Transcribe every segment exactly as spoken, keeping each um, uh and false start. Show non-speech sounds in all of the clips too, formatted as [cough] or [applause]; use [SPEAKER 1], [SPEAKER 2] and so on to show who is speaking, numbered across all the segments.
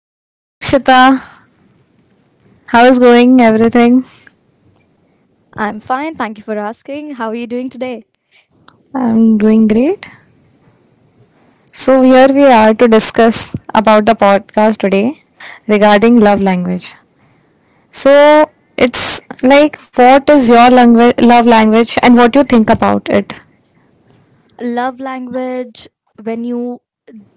[SPEAKER 1] Hello Akshita, how is going everything?
[SPEAKER 2] I'm fine. Thank you for asking. How are you doing today?
[SPEAKER 1] I'm doing great. So here we are to discuss about the podcast today regarding love language. So it's like what is your language love language and what you think about it.
[SPEAKER 2] Love language, when you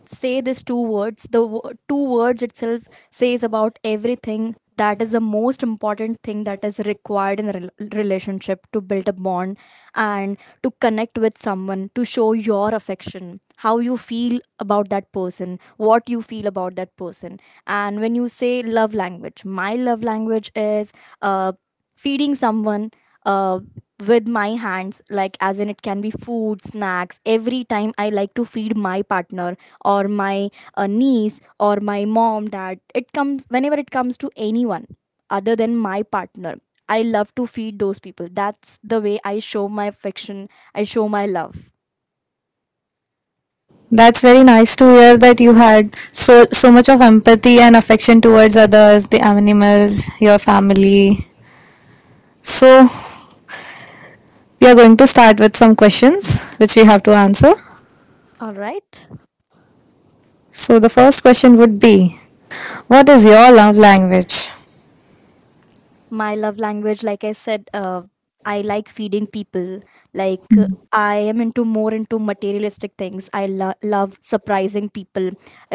[SPEAKER 2] say these two words, the wo- two words itself says about everything. That is the most important thing that is required in a rel- relationship to build a bond and to connect with someone, to show your affection, how you feel about that person, what you feel about that person. And when you say love language, my love language is uh, feeding someone uh, with my hands, like as in it can be food, snacks. Every time I like to feed my partner or my uh, niece, or my mom, dad. It comes whenever it comes to anyone other than my partner. I love to feed those people. That's the way I show my affection, I show my love.
[SPEAKER 1] That's very nice to hear that you had so so much of empathy and affection towards others, the animals, your family. So we are going to start with some questions which we have to answer.
[SPEAKER 2] All right.
[SPEAKER 1] So the first question would be, what is your love language?
[SPEAKER 2] My love language, like I said, uh, I like feeding people, like uh, I am into more, into materialistic things. I lo- love surprising people.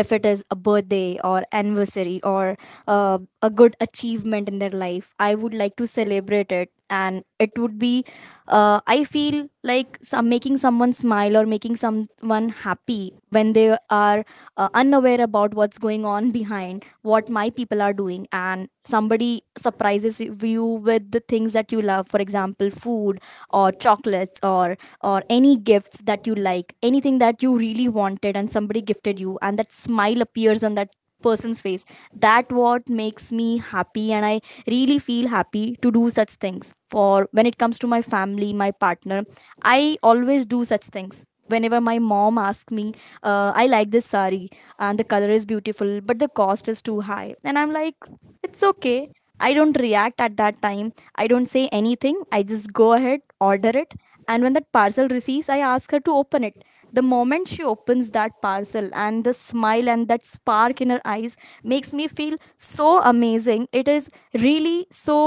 [SPEAKER 2] If it is a birthday or anniversary or uh, a good achievement in their life, I would like to celebrate it. And it would be, uh, I feel like some making someone smile or making someone happy when they are uh, unaware about what's going on behind, what my people are doing, and somebody surprises you with the things that you love, for example food or chocolates, or or any gifts that you like, anything that you really wanted, and somebody gifted you, and that smile appears on that person's face. That what makes me happy, and I really feel happy to do such things. For when it comes to my family, my partner, I always do such things. Whenever my mom asks me, uh, I like this sari and the color is beautiful, but the cost is too high, and I'm like, it's okay. I don't react at that time, I don't say anything, I just go ahead, order it. And when that parcel receives, I ask her to open it. The moment she opens that parcel, and the smile and that spark in her eyes makes me feel so amazing. It is really so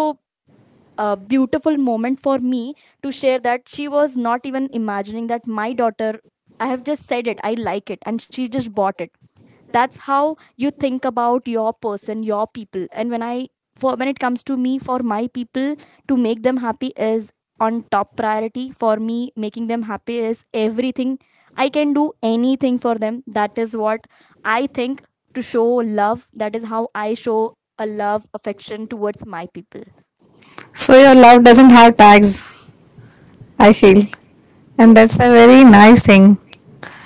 [SPEAKER 2] a beautiful moment for me to share, that she was not even imagining that my daughter, I have just said it, I like it, and she just bought it. That's how you think about your person, your people. And when I, for when it comes to me, for my people, to make them happy is on top priority for me. Making them happy is everything, I can do anything for them. That is what I think, to show love. That is how I show a love, affection towards my people.
[SPEAKER 1] So your love doesn't have tags, I feel. And that's a
[SPEAKER 2] Yes,
[SPEAKER 1] very nice thing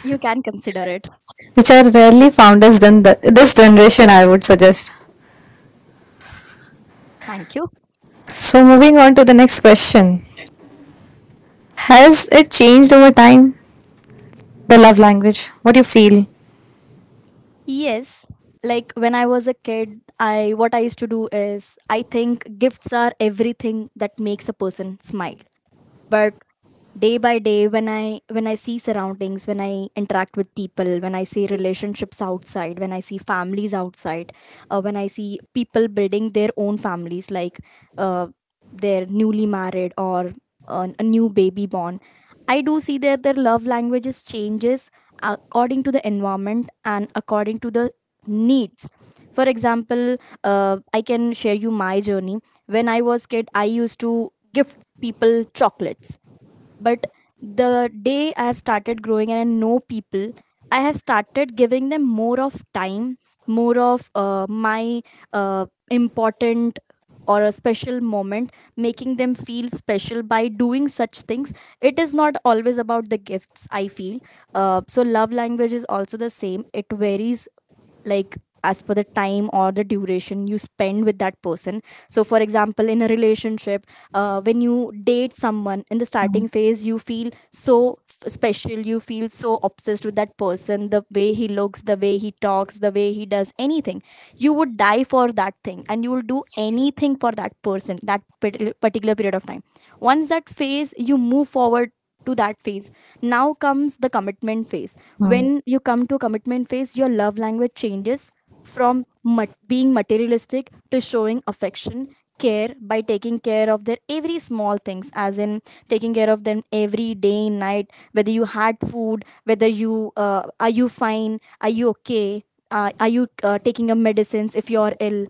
[SPEAKER 2] you can consider it.
[SPEAKER 1] which are rarely found as gen- this generation, I would suggest.
[SPEAKER 2] Thank you.
[SPEAKER 1] So moving on to the next question. Has it changed over time? The love language. What do you feel?
[SPEAKER 2] Yes, like when I was a kid, I, what I used to do is, I think gifts are everything that makes a person smile. But day by day, when i when i see surroundings, when I interact with people, when I see relationships outside, when I see families outside, uh, when I see people building their own families, like uh, they're newly married or an a new baby born, I do see that their love languages changes uh, according to the environment and according to the needs. For example, uh, I can share you my journey. When I was kid, I used to gift people chocolates. But the day I have started growing and I know people, I have started giving them more of time, more of uh, my uh, important or a special moment, making them feel special by doing such things. It is not always about the gifts, I feel. Uh, so love language is also the same, it varies, like as per the time or the duration you spend with that person. So for example, in a relationship, uh, when you date someone in the
[SPEAKER 1] Mm,
[SPEAKER 2] starting phase, you feel so special, you feel so obsessed with that person, the way he looks, the way he talks, the way he does anything, you would die for that thing, and you will do anything for that person that pat- particular period of time. Once that phase you move forward to that phase, now comes the commitment phase.
[SPEAKER 1] mm,
[SPEAKER 2] When you come to commitment phase, your love language changes from mat- being materialistic to showing affection, care, by taking care of their every small things, as in taking care of them every day, night, whether you had food, whether you, uh, are you fine, are you okay, uh, are you uh, taking your medicines if you're ill,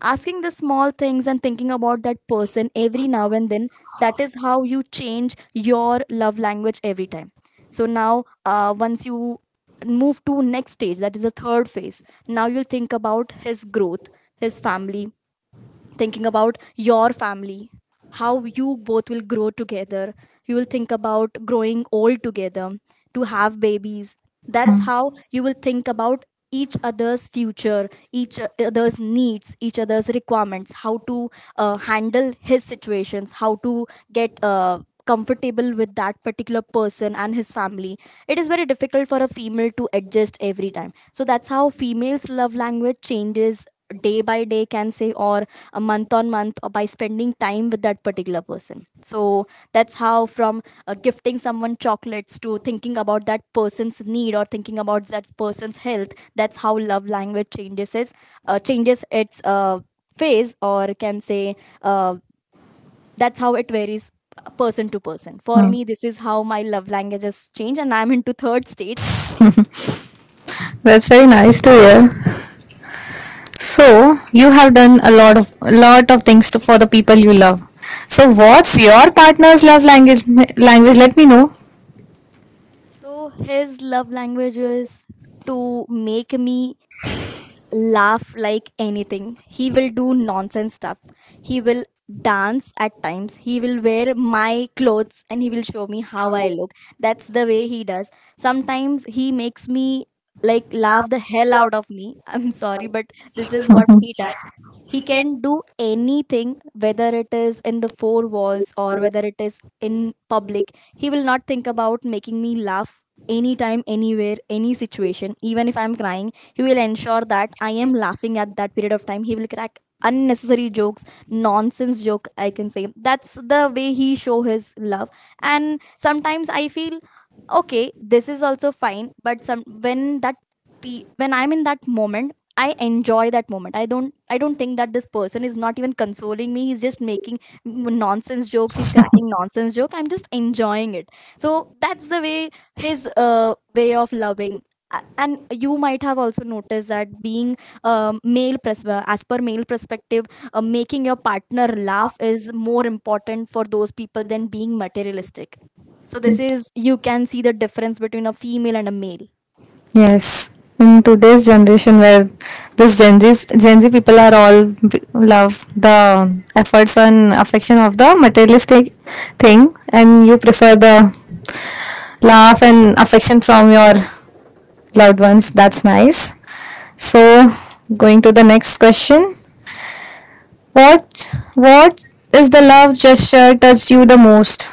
[SPEAKER 2] asking the small things and thinking about that person every now and then. That is how you change your love language every time. So now, uh, once you move to next stage, that is the third phase, now you'll think about his growth, his family, thinking about your family, how you both will grow together, you will think about growing old together, to have babies. That's how you will think about each other's future, each other's needs, each other's requirements, how to uh, handle his situations, how to get uh, comfortable with that particular person and his family. It is very difficult for a female to adjust every time, so that's how females love language changes day by day, can say, or a month on month, or by spending time with that particular person. So that's how, from uh, gifting someone chocolates to thinking about that person's need or thinking about that person's health, that's how love language changes is, uh, changes its uh, phase, or can say, uh, that's how it varies, uh, person to person. For
[SPEAKER 1] mm.
[SPEAKER 2] me, this is how my love languages change, and I'm into third stage.
[SPEAKER 1] That's very nice to hear. So you have done a lot of a lot of things to, for the people you love. So what's your partner's love language? Language, let me know.
[SPEAKER 2] So his love language is to make me laugh like anything. He will do nonsense stuff. He will dance at times. He will wear my clothes and he will show me how I look. That's the way he does. Sometimes he makes me like laugh the hell out of me. [laughs] I'm sorry, but this is what he
[SPEAKER 1] [laughs]
[SPEAKER 2] does. He can do anything, whether it is in the four walls or whether it is in public. He will not think about making me laugh anytime, anywhere, any situation. Even if I'm crying, he will ensure that I am laughing at that period of time. He will crack unnecessary jokes, nonsense joke I can say. That's the way he show his love. And sometimes I feel, okay, this is also fine, but some, when that pe- when I'm in that moment, I enjoy that moment. I don't I don't think that this person is not even consoling me. He's just making nonsense jokes. He's cracking nonsense joke. I'm just enjoying it. So that's the way, his uh, way of loving, a- and you might have also noticed that being um, male pres- uh, as per male perspective, uh, making your partner laugh is more important for those people than being materialistic. So this is, you can see the difference between a female and a male.
[SPEAKER 1] Yes, in today's generation where this Gen Z Gen Z people are all b- love the efforts and affection of the materialistic thing, and you prefer the laugh and affection from your loved ones. That's nice. So going to the next question. What what is the love gesture touched you the most?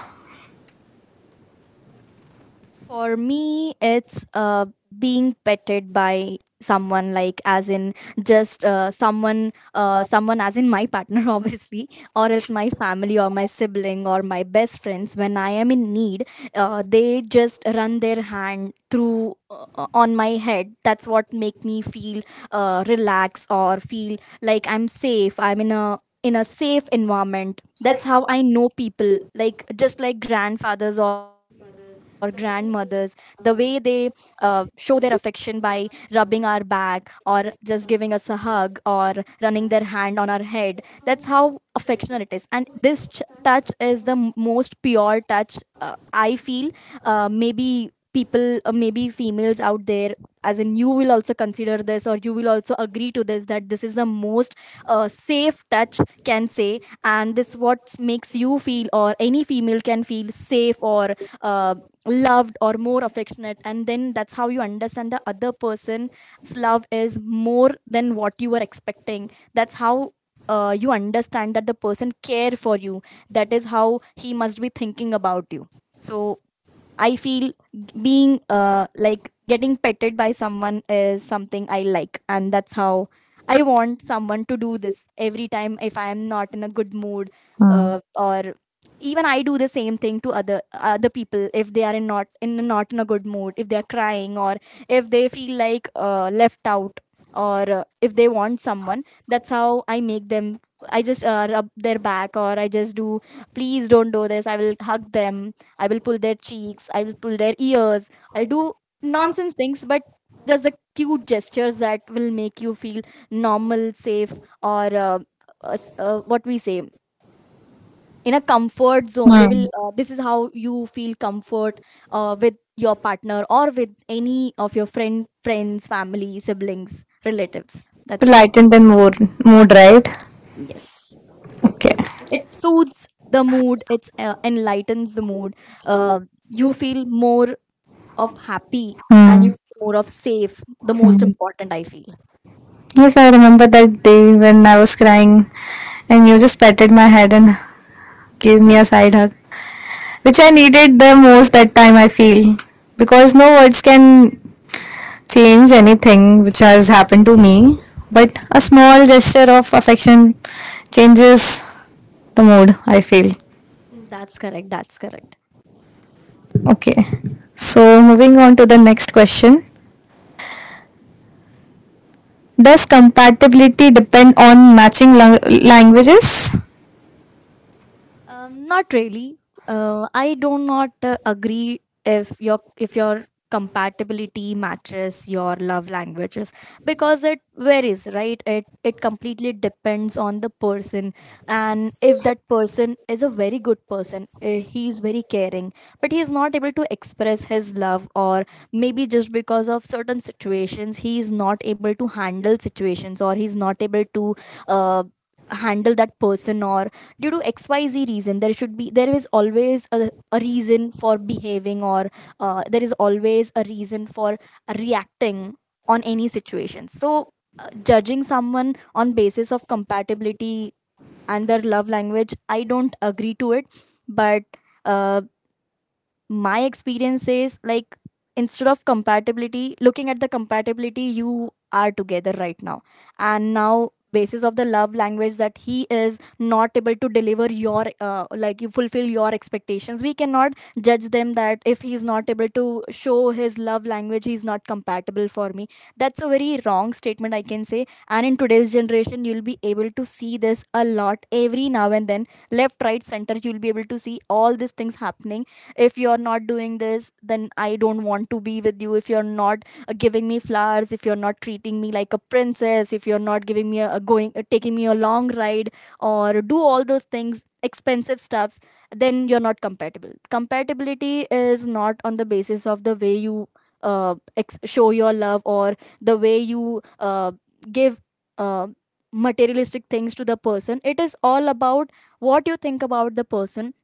[SPEAKER 2] For me, it's uh, being petted by someone, like as in just uh, someone uh, someone as in my partner, [laughs] obviously, or else my family or my sibling or my best friends, when I am in need. Uh, they just run their hand through, uh, on my head. That's what make me feel uh, relaxed or feel like I'm safe, I'm in a, in a safe environment. That's how I know, people like just like grandfathers or grandmothers, the way they uh, show their affection by rubbing our back or just giving us a hug or running their hand on our head. That's how affectionate it is, and this ch- touch is the m- most pure touch, uh, I feel. Uh, maybe people, uh, maybe females out there, as in, you will also consider this or you will also agree to this, that this is the most uh, safe touch, can say. And this what makes you feel, or any female can feel safe or uh, loved or more affectionate. And then that's how you understand the other person's love is more than what you were expecting. That's how uh, you understand that the person care for you. That is how he must be thinking about you. So I feel being uh, like getting petted by someone is something I like, and that's how I want someone to do this every time, if I am not in a good mood.
[SPEAKER 1] Hmm.
[SPEAKER 2] Uh, or even I do the same thing to other other people if they are in not in not in a good mood, if they are crying, or if they feel like uh, left out, or uh, if they want someone. That's how I make them. I just uh, rub their back, or I just do, please don't do this. I will hug them. I will pull their cheeks, I will pull their ears, I'll do nonsense things, but there's a cute gestures that will make you feel normal, safe, or uh, uh, uh, what we say, in a comfort zone.
[SPEAKER 1] Hmm.
[SPEAKER 2] They will. Uh, this is how you feel comfort uh, with your partner or with any of your friend, friends, family, siblings, relatives.
[SPEAKER 1] To
[SPEAKER 2] That's,
[SPEAKER 1] lighten the mood, mood right?
[SPEAKER 2] yes.
[SPEAKER 1] Okay.
[SPEAKER 2] It soothes the mood. It uh, enlightens the mood. Uh, you feel more of happy, and you
[SPEAKER 1] Hmm.
[SPEAKER 2] more of safe, the
[SPEAKER 1] Hmm.
[SPEAKER 2] most important, I feel.
[SPEAKER 1] Yes, I remember that day when I was crying, and you just patted my head and gave me a side hug, which I needed the most that time. I feel, because no words can change anything which has happened to me, but a small gesture of affection changes the mood. I feel.
[SPEAKER 2] Mm, that's correct that's correct
[SPEAKER 1] Okay. So moving on to the next question. Does compatibility depend on matching lang- languages?
[SPEAKER 2] Um, not really. Uh, I do not uh, agree if your if your compatibility matches your love languages, because it varies, right? It it completely depends on the person, and if that person is a very good person, uh, he is very caring, but he is not able to express his love, or maybe just because of certain situations, he is not able to handle situations, or he's not able to uh, handle that person, or due to xyz reason, there should be there is always a, a reason for behaving, or uh, there is always a reason for reacting on any situation. So uh, judging someone on basis of compatibility and their love language, I don't agree to it. But uh, my experience is like, instead of compatibility, looking at the compatibility, you are together right now, and now basis of the love language that he is not able to deliver your, uh, like, you fulfill your expectations, we cannot judge them that if he's not able to show his love language, he's not compatible for me. That's a very wrong statement, I can say. And in today's generation, you'll be able to see this a lot. Every now and then, left, right, center, you'll be able to see all these things happening. If you're not doing this flowers, then I don't want to be with you. If you're not uh, giving me flowers, if you're not treating me like a princess, if you're not giving me a, a going uh, taking me a long ride, or do all those things expensive stuffs, then you're not compatible. Compatibility is not on the basis of the way you uh, ex- show your love, or the way you uh, give uh, materialistic things to the person. It is all about what you think about the person.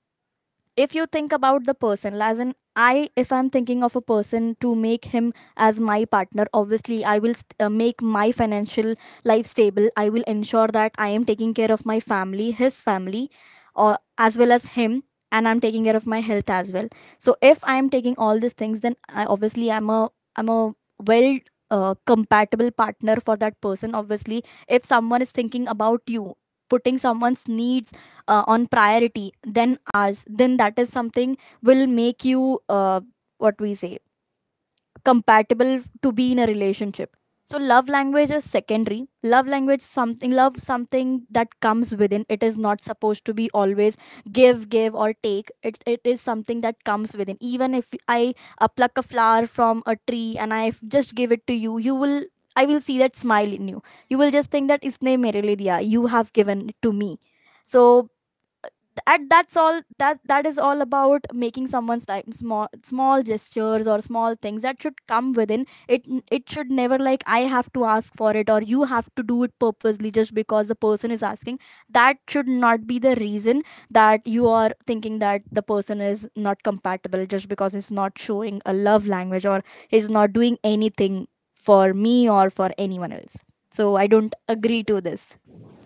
[SPEAKER 2] If you think about the person as in, I if I'm thinking of a person to make him as my partner, obviously I will st- uh, make my financial life stable. I will ensure that I am taking care of my family, his family, or as well as him, and I'm taking care of my health as well. So if I am taking all these things, then I, obviously, i'm a i'm a well, uh, compatible partner for that person, obviously. If someone is thinking about you, putting someone's needs uh, on priority than ours, then that is something will make you, uh, what we say, compatible to be in a relationship. So love language is secondary. Love language, something love something that comes within. It is not supposed to be always give give or take it. It is something that comes within. Even if I uh, pluck a flower from a tree and I just give it to you, you will I will see that smile in you. You will just think that isne mere liye diya, you have given it to me. So, and that's all that. That is all about making someone's, like, small small gestures or small things that should come within. it it should never, like, I have to ask for it, or you have to do it purposely just because the person is asking. That should not be the reason that you are thinking that the person is not compatible, just because he's not showing a love language, or he's not doing anything for me or for anyone else. So I don't agree to this.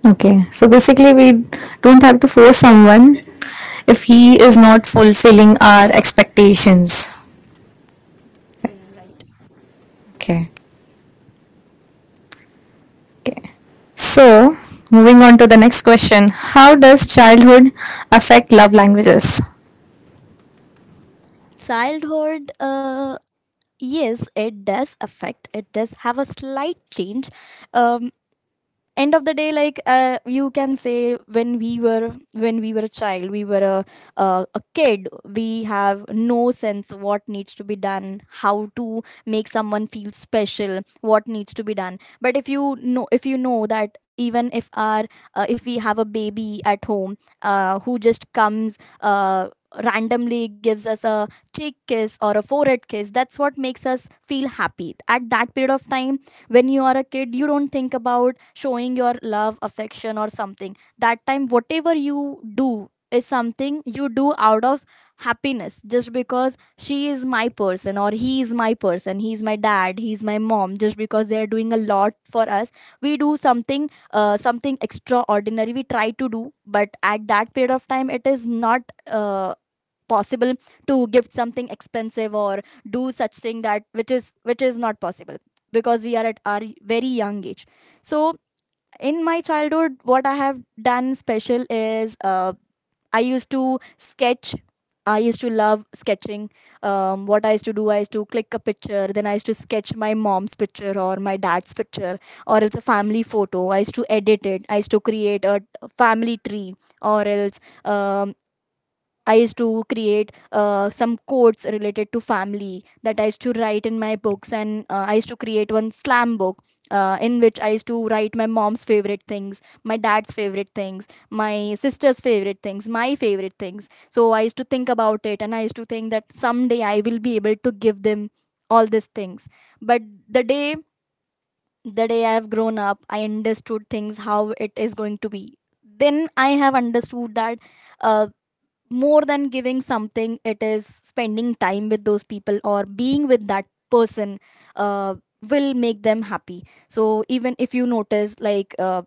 [SPEAKER 1] Okay. So basically we don't have to force someone if he is not fulfilling our expectations.
[SPEAKER 2] Right.
[SPEAKER 1] Okay. So moving on to the next question. How does childhood affect love languages?
[SPEAKER 2] Childhood, uh, yes, it does affect, it does have a slight change. um End of the day, like, uh, you can say, when we were when we were a child, we were a, uh a kid, we have no sense what needs to be done, how to make someone feel special, what needs to be done. But if you know if you know that, even if our uh, if we have a baby at home, uh, who just comes uh, randomly, gives us a cheek kiss or a forehead kiss, that's what makes us feel happy at that period of time. When you are a kid, you don't think about showing your love, affection, or something. That time, whatever you do is something you do out of happiness, just because she is my person or he is my person, he's my dad, he's my mom, just because they're doing a lot for us, we do something, uh, something extraordinary, we try to do. But at that period of time, it is not uh, possible to gift something expensive, or do such thing that which is which is not possible, because we are at our very young age. So in my childhood, what I have done special is, uh, I used to sketch. I used to love sketching. Um, what I used to do, I used to click a picture, then I used to sketch my mom's picture or my dad's picture, or it's a family photo, I used to edit it, I used to create a family tree, or else, um, I used to create uh, some quotes related to family that I used to write in my books, and uh, I used to create one slam book uh, in which I used to write my mom's favorite things, my dad's favorite things, my sister's favorite things, my favorite things. So I used to think about it, and I used to think that someday I will be able to give them all these things. But the day the day I have grown up, I understood things how it is going to be. Then I have understood that, uh, more than giving something, it is spending time with those people or being with that person, uh, will make them happy. So even if you notice, like, uh,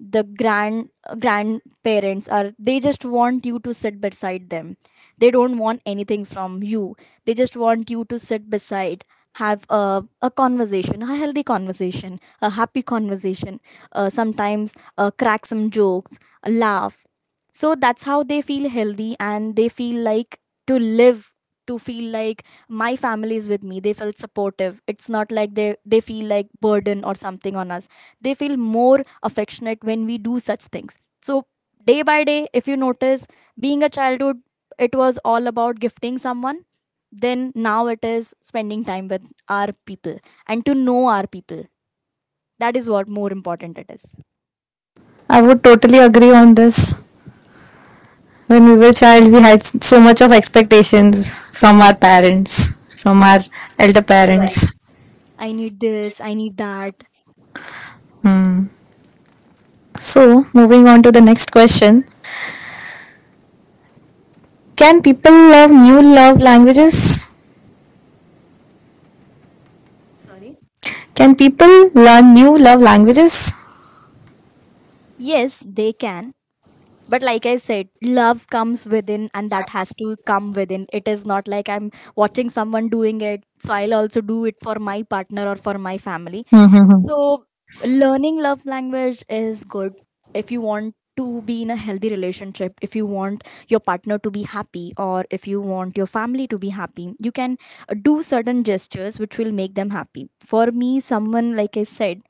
[SPEAKER 2] the grand grandparents are, they just want you to sit beside them, they don't want anything from you, they just want you to sit beside, have a, a conversation, a healthy conversation, a happy conversation, uh, sometimes uh, crack some jokes, laugh, so that's how they feel healthy, and they feel like to live, to feel like my family is with me. They feel supportive. It's not like they, they feel like burden or something on us. They feel more affectionate when we do such things. So day by day, if you notice, being a childhood, it was all about gifting someone. Then now it is spending time with our people and to know our people. That is what more important it is.
[SPEAKER 1] I would totally agree on this. When we were child, we had so much of expectations from our parents, from our elder
[SPEAKER 2] Right.
[SPEAKER 1] parents.
[SPEAKER 2] I need this, I need that.
[SPEAKER 1] So, moving on to the next question. Can people love new love languages?
[SPEAKER 2] Sorry.
[SPEAKER 1] Can people learn new love languages?
[SPEAKER 2] Yes, they can. But like I said, love comes within, and that has to come within. It is not like I'm watching someone doing it, so I'll also do it for my partner or for my family.
[SPEAKER 1] [laughs]
[SPEAKER 2] So, learning love language is good if you want to be in a healthy relationship, if you want your partner to be happy, or if you want your family to be happy. You can uh, do certain gestures which will make them happy. For me, someone, like I said,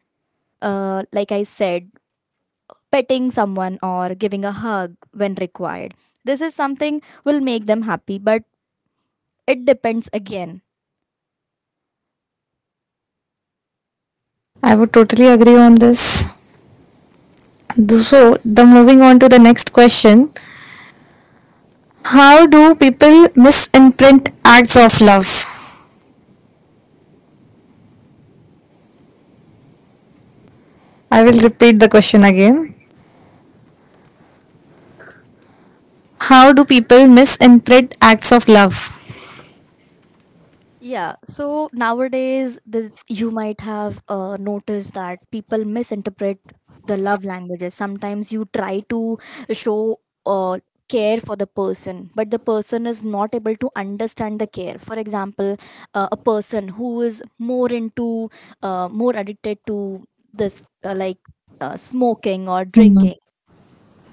[SPEAKER 2] uh, like I said, petting someone or giving a hug when required. This is something will make them happy, but it depends again.
[SPEAKER 1] I would totally agree on this. So, the moving on to the next question. How do people misimprint acts of love? I will repeat the question again. How do people misimprint acts of love? [laughs]
[SPEAKER 2] Yeah, so nowadays the, you might have uh, noticed that people misinterpret the love languages. Sometimes you try to show uh, care for the person, but the person is not able to understand the care. For example, uh, a person who is more into, uh, more addicted to this, uh, like uh, smoking or
[SPEAKER 1] Mm-hmm.
[SPEAKER 2] drinking.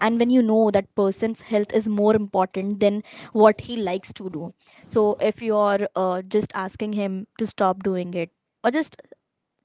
[SPEAKER 2] And when you know that person's health is more important than what he likes to do, so if you're uh, just asking him to stop doing it, or just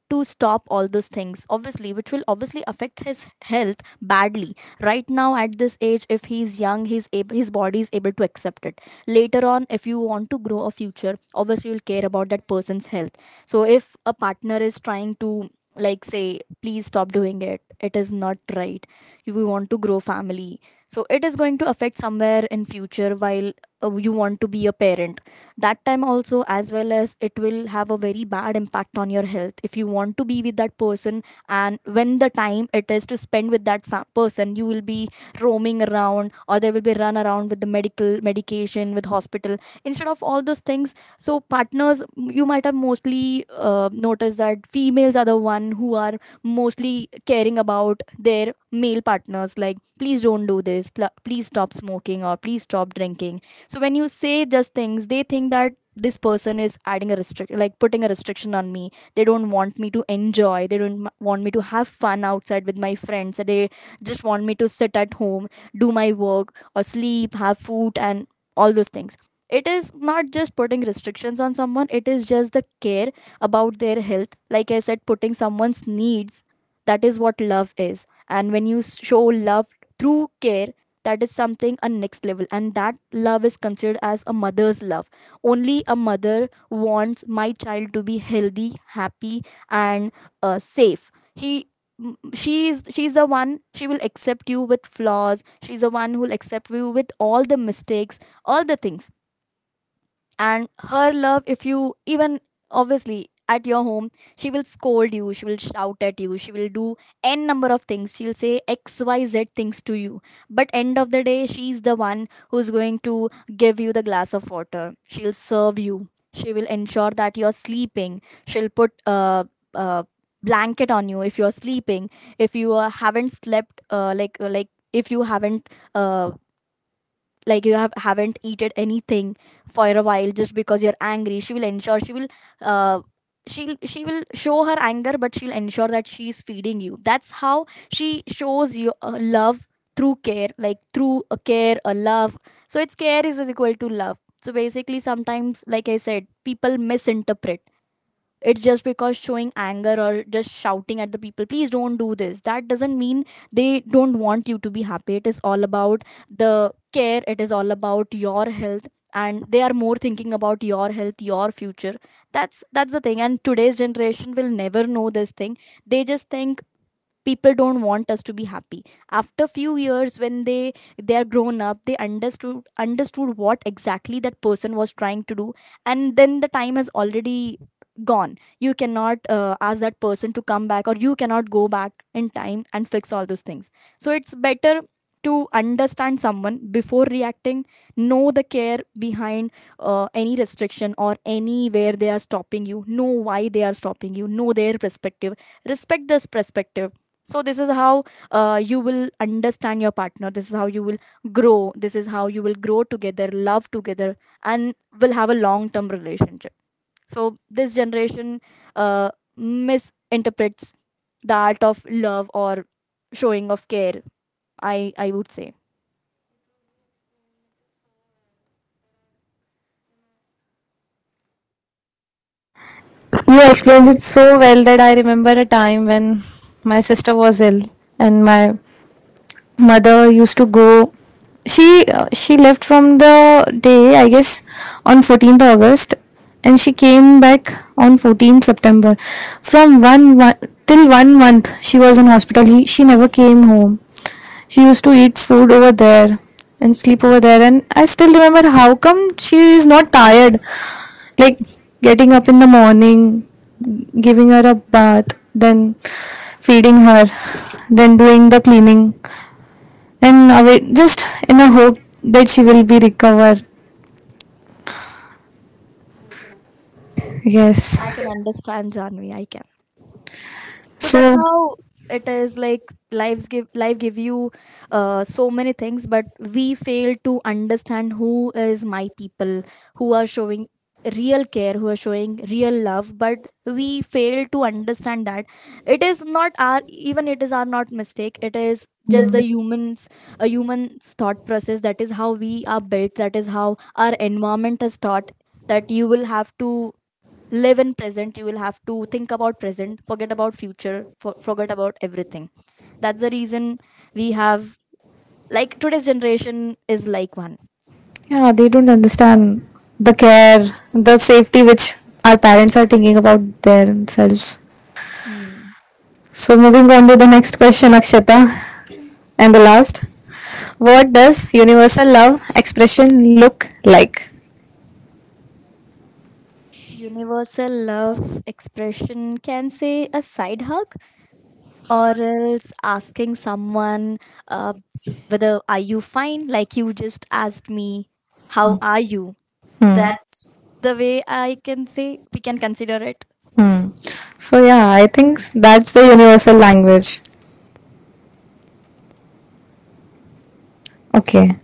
[SPEAKER 2] to stop all those things, obviously, which will obviously affect his health badly. Right now at this age, if he's young, he's able his body is able to accept it. Later on, if you want to grow a future, obviously you'll care about that person's health. So if a partner is trying to, like, say please stop doing it, it is not right. If you want to grow family, so it is going to affect somewhere in future while uh, you want to be a parent. That time also, as well as it will have a very bad impact on your health if you want to be with that person. And when the time it is to spend with that fa- person, you will be roaming around, or there will be run around with the medical medication, with hospital, instead of all those things. So partners, you you might have mostly uh, noticed that females are the one who are mostly caring about their male partners, like please don't do this, pl- please stop smoking or please stop drinking. So when you say just things, they think that this person is adding a restrict like putting a restriction on me. They don't want me to enjoy, they don't m- want me to have fun outside with my friends, they just want me to sit at home, do my work or sleep, have food, and all those things. It is not just putting restrictions on someone, it is just the care about their health. Like I said, putting someone's needs, that is what love is. And when you show love through care, that is something a next level, and that love is considered as a mother's love. Only a mother wants my child to be healthy, happy, and uh, safe. He m- she is she's the one, she will accept you with flaws, she's the one who'll accept you with all the mistakes, all the things. And her love, if you even, obviously at your home, she will scold you, she will shout at you, she will do n number of things, she'll say xyz things to you. But end of the day, she's the one who's going to give you the glass of water, she'll serve you, she will ensure that you're sleeping, she'll put a, a blanket on you if you're sleeping. If you uh, haven't slept, uh, like like if you haven't uh, like you have haven't eaten anything for a while just because you're angry, she will ensure, she will uh, she'll she will show her anger, but she'll ensure that she's feeding you. That's how she shows you uh, love through care, like through a care, a love. So it's care is equal to love. So basically, sometimes, like I said, people misinterpret. It's just because showing anger or just shouting at the people, please don't do this, that doesn't mean they don't want you to be happy. It is all about the care, it is all about your health, and they are more thinking about your health, your future. That's that's the thing. And today's generation will never know this thing, they just think people don't want us to be happy. After few years when they they are grown up, they understood understood what exactly that person was trying to do. And then the time has already gone, you cannot uh, ask that person to come back, or you cannot go back in time and fix all those things. So it's better to understand someone before reacting, know the care behind uh, any restriction or anywhere they are stopping you, know why they are stopping you, know their perspective, respect this perspective. So this is how uh, you will understand your partner, this is how you will grow, this is how you will grow together, love together, and will have a long term relationship. So this generation uh, misinterprets the art of love or showing of care, i i would say.
[SPEAKER 1] You explained it so well that I remember a time when my sister was ill, and my mother used to go, she she left from the day, I guess, on fourteenth August, and she came back on fourteenth September. From one, one till one month she was in hospital, he, she never came home. She used to eat food over there and sleep over there. And I still remember, how come she is not tired? Like getting up in the morning, giving her a bath, then feeding her, then doing the cleaning, and away, just in a hope that she will be recovered. Yes.
[SPEAKER 2] I can understand Janvi, I can. So that's
[SPEAKER 1] So
[SPEAKER 2] how it is. Like lives give life give you uh, so many things, but we fail to understand who is my people who are showing real care, who are showing real love, but we fail to understand that. It is not our, even it is our not mistake, it is
[SPEAKER 1] yeah,
[SPEAKER 2] just the humans, a human's thought process. That is how we are built, that is how our environment is taught, that you will have to live in present, you will have to think about present, forget about future, for, forget about everything. That's the reason we have, like today's generation is like one.
[SPEAKER 1] they don't understand the care, the safety which our parents are thinking about themselves. So moving on to the next question, Akshata, and the last. What does universal love expression look like?
[SPEAKER 2] Universal love expression, can say a side hug, or else asking someone uh, whether are you fine, like you just asked me how are you.
[SPEAKER 1] Hmm.
[SPEAKER 2] That's the way, I can say, we can consider it.
[SPEAKER 1] Hmm. So yeah, I think s- that's the universal language. Okay.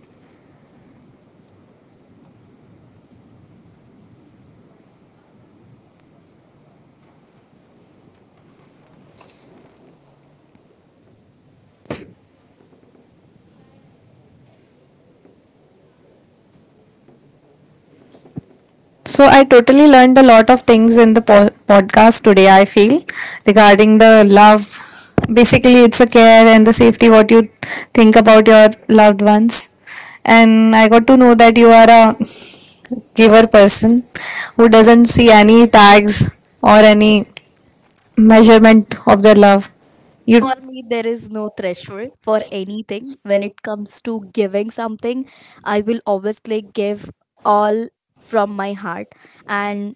[SPEAKER 1] So I totally learned a lot of things in the po- podcast today. I feel, regarding the love. Basically, it's a care and the safety what you think about your loved ones. And I got to know that you are a giver person who doesn't see any tags or any measurement of their love. You
[SPEAKER 2] For me, there is no threshold for anything. When it comes to giving something, I will obviously give all from my heart. And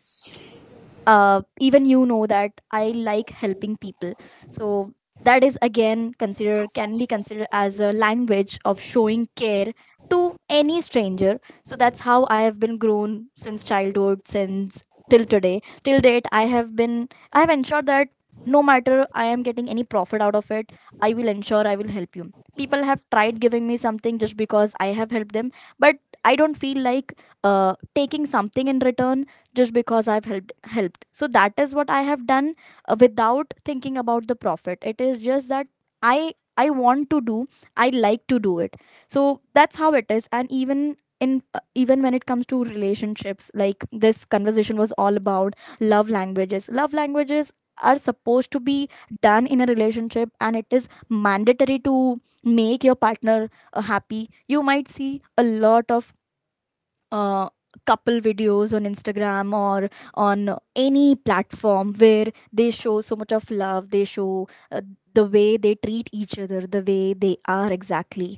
[SPEAKER 2] uh, even you know that I like helping people. So that is again considered, can be considered as a language of showing care to any stranger. So that's how I have been grown since childhood, since till today. Till date, I have been I have ensured that no matter I am getting any profit out of it, I will ensure I will help you. People have tried giving me something just because I have helped them, but I don't feel like uh, taking something in return just because I've helped helped. So that is what I have done, uh, without thinking about the profit. It is just that i i want to do, I like to do it. So that's how it is. And even in uh, even when it comes to relationships, like this conversation was all about love languages. Love languages are supposed to be done in a relationship, and it is mandatory to make your partner uh, happy. You might see a lot of uh, couple videos on Instagram or on any platform where they show so much of love, they show uh, the way they treat each other, the way they are exactly.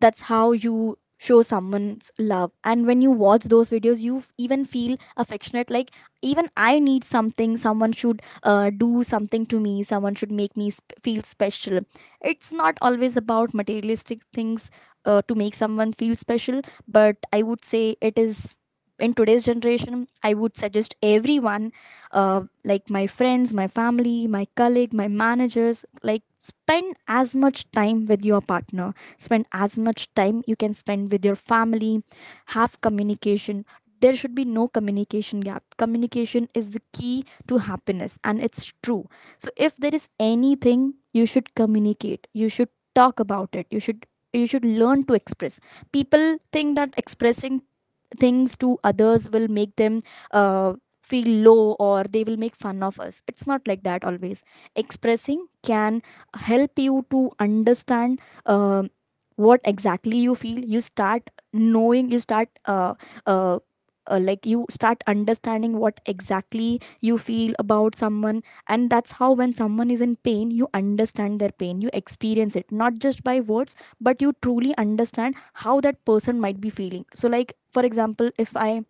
[SPEAKER 2] That's how you show someone's love. And when you watch those videos, you f- even feel affectionate, like even I need something, someone should uh, do something to me, someone should make me sp- feel special. It's not always about materialistic things uh, to make someone feel special, but I would say it is, in today's generation, I would suggest everyone, uh, like my friends, my family, my colleague, my managers, like spend as much time with your partner, spend as much time you can spend with your family, have communication, there should be no communication gap. Communication is the key to happiness, and it's true. So if there is anything, you should communicate, you should talk about it, you should you should learn to express. People think that expressing things to others will make them uh, feel low, or they will make fun of us. It's not like that always. Expressing can help you to understand uh, what exactly you feel. You start knowing, you start uh, uh, uh, like you start understanding what exactly you feel about someone. And that's how when someone is in pain, you understand their pain, you experience it, not just by words, but you truly understand how that person might be feeling. So like, for example, if i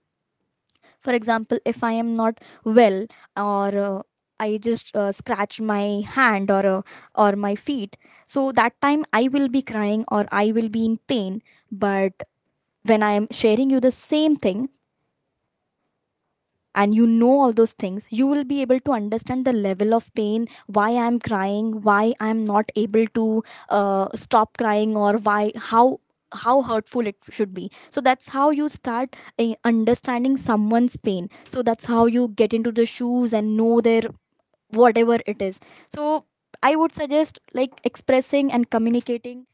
[SPEAKER 2] for example if I am not well, or uh, I just uh, scratch my hand, or uh, or my feet. So that time I will be crying, or I will be in pain. But when I am sharing you the same thing, and you know all those things, you will be able to understand the level of pain, why I'm crying, why I'm not able to uh, stop crying, or why, how how hurtful it should be. So that's how you start eh, understanding someone's pain. So that's how you get into the shoes and know their, whatever it is. So I would suggest, like, expressing and communicating.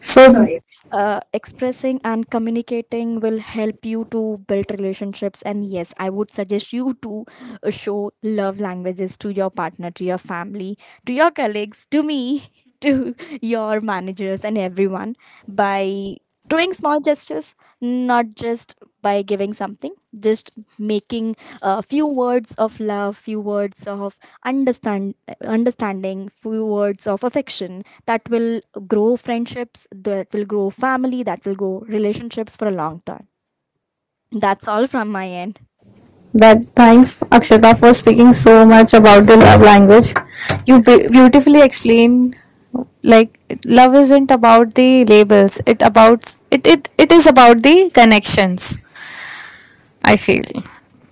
[SPEAKER 1] so
[SPEAKER 2] Sorry. Uh, expressing and communicating will help you to build relationships. And yes, I would suggest you to uh, show love languages to your partner, to your family, to your colleagues, to me [laughs] to your managers and everyone, by doing small gestures, not just by giving something, just making a few words of love, few words of understand understanding, few words of affection, that will grow friendships, that will grow family, that will grow relationships for a long time. That's all from my end.
[SPEAKER 1] That thanks Akshata for speaking so much about the love language. You be- beautifully explained, like love isn't about the labels. It about it, it it is about the connections. I feel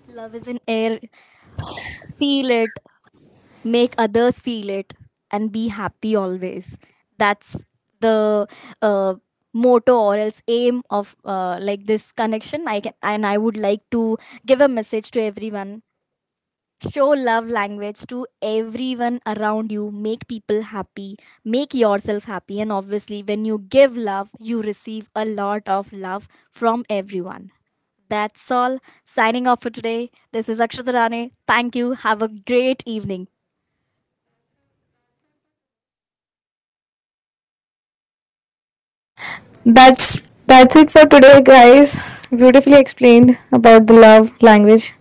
[SPEAKER 2] Love is in air, feel it, make others feel it, and be happy always. That's the uh, motto or else aim of, uh, like this connection, I can, and I would like to give a message to everyone. Show love language to everyone around you, make people happy, make yourself happy, and obviously when you give love, you receive a lot of love from everyone. That's all. Signing off for today, this is Akshita Rane. Thank you, have a great evening.
[SPEAKER 1] that's that's it for today, guys. Beautifully explained about the love language.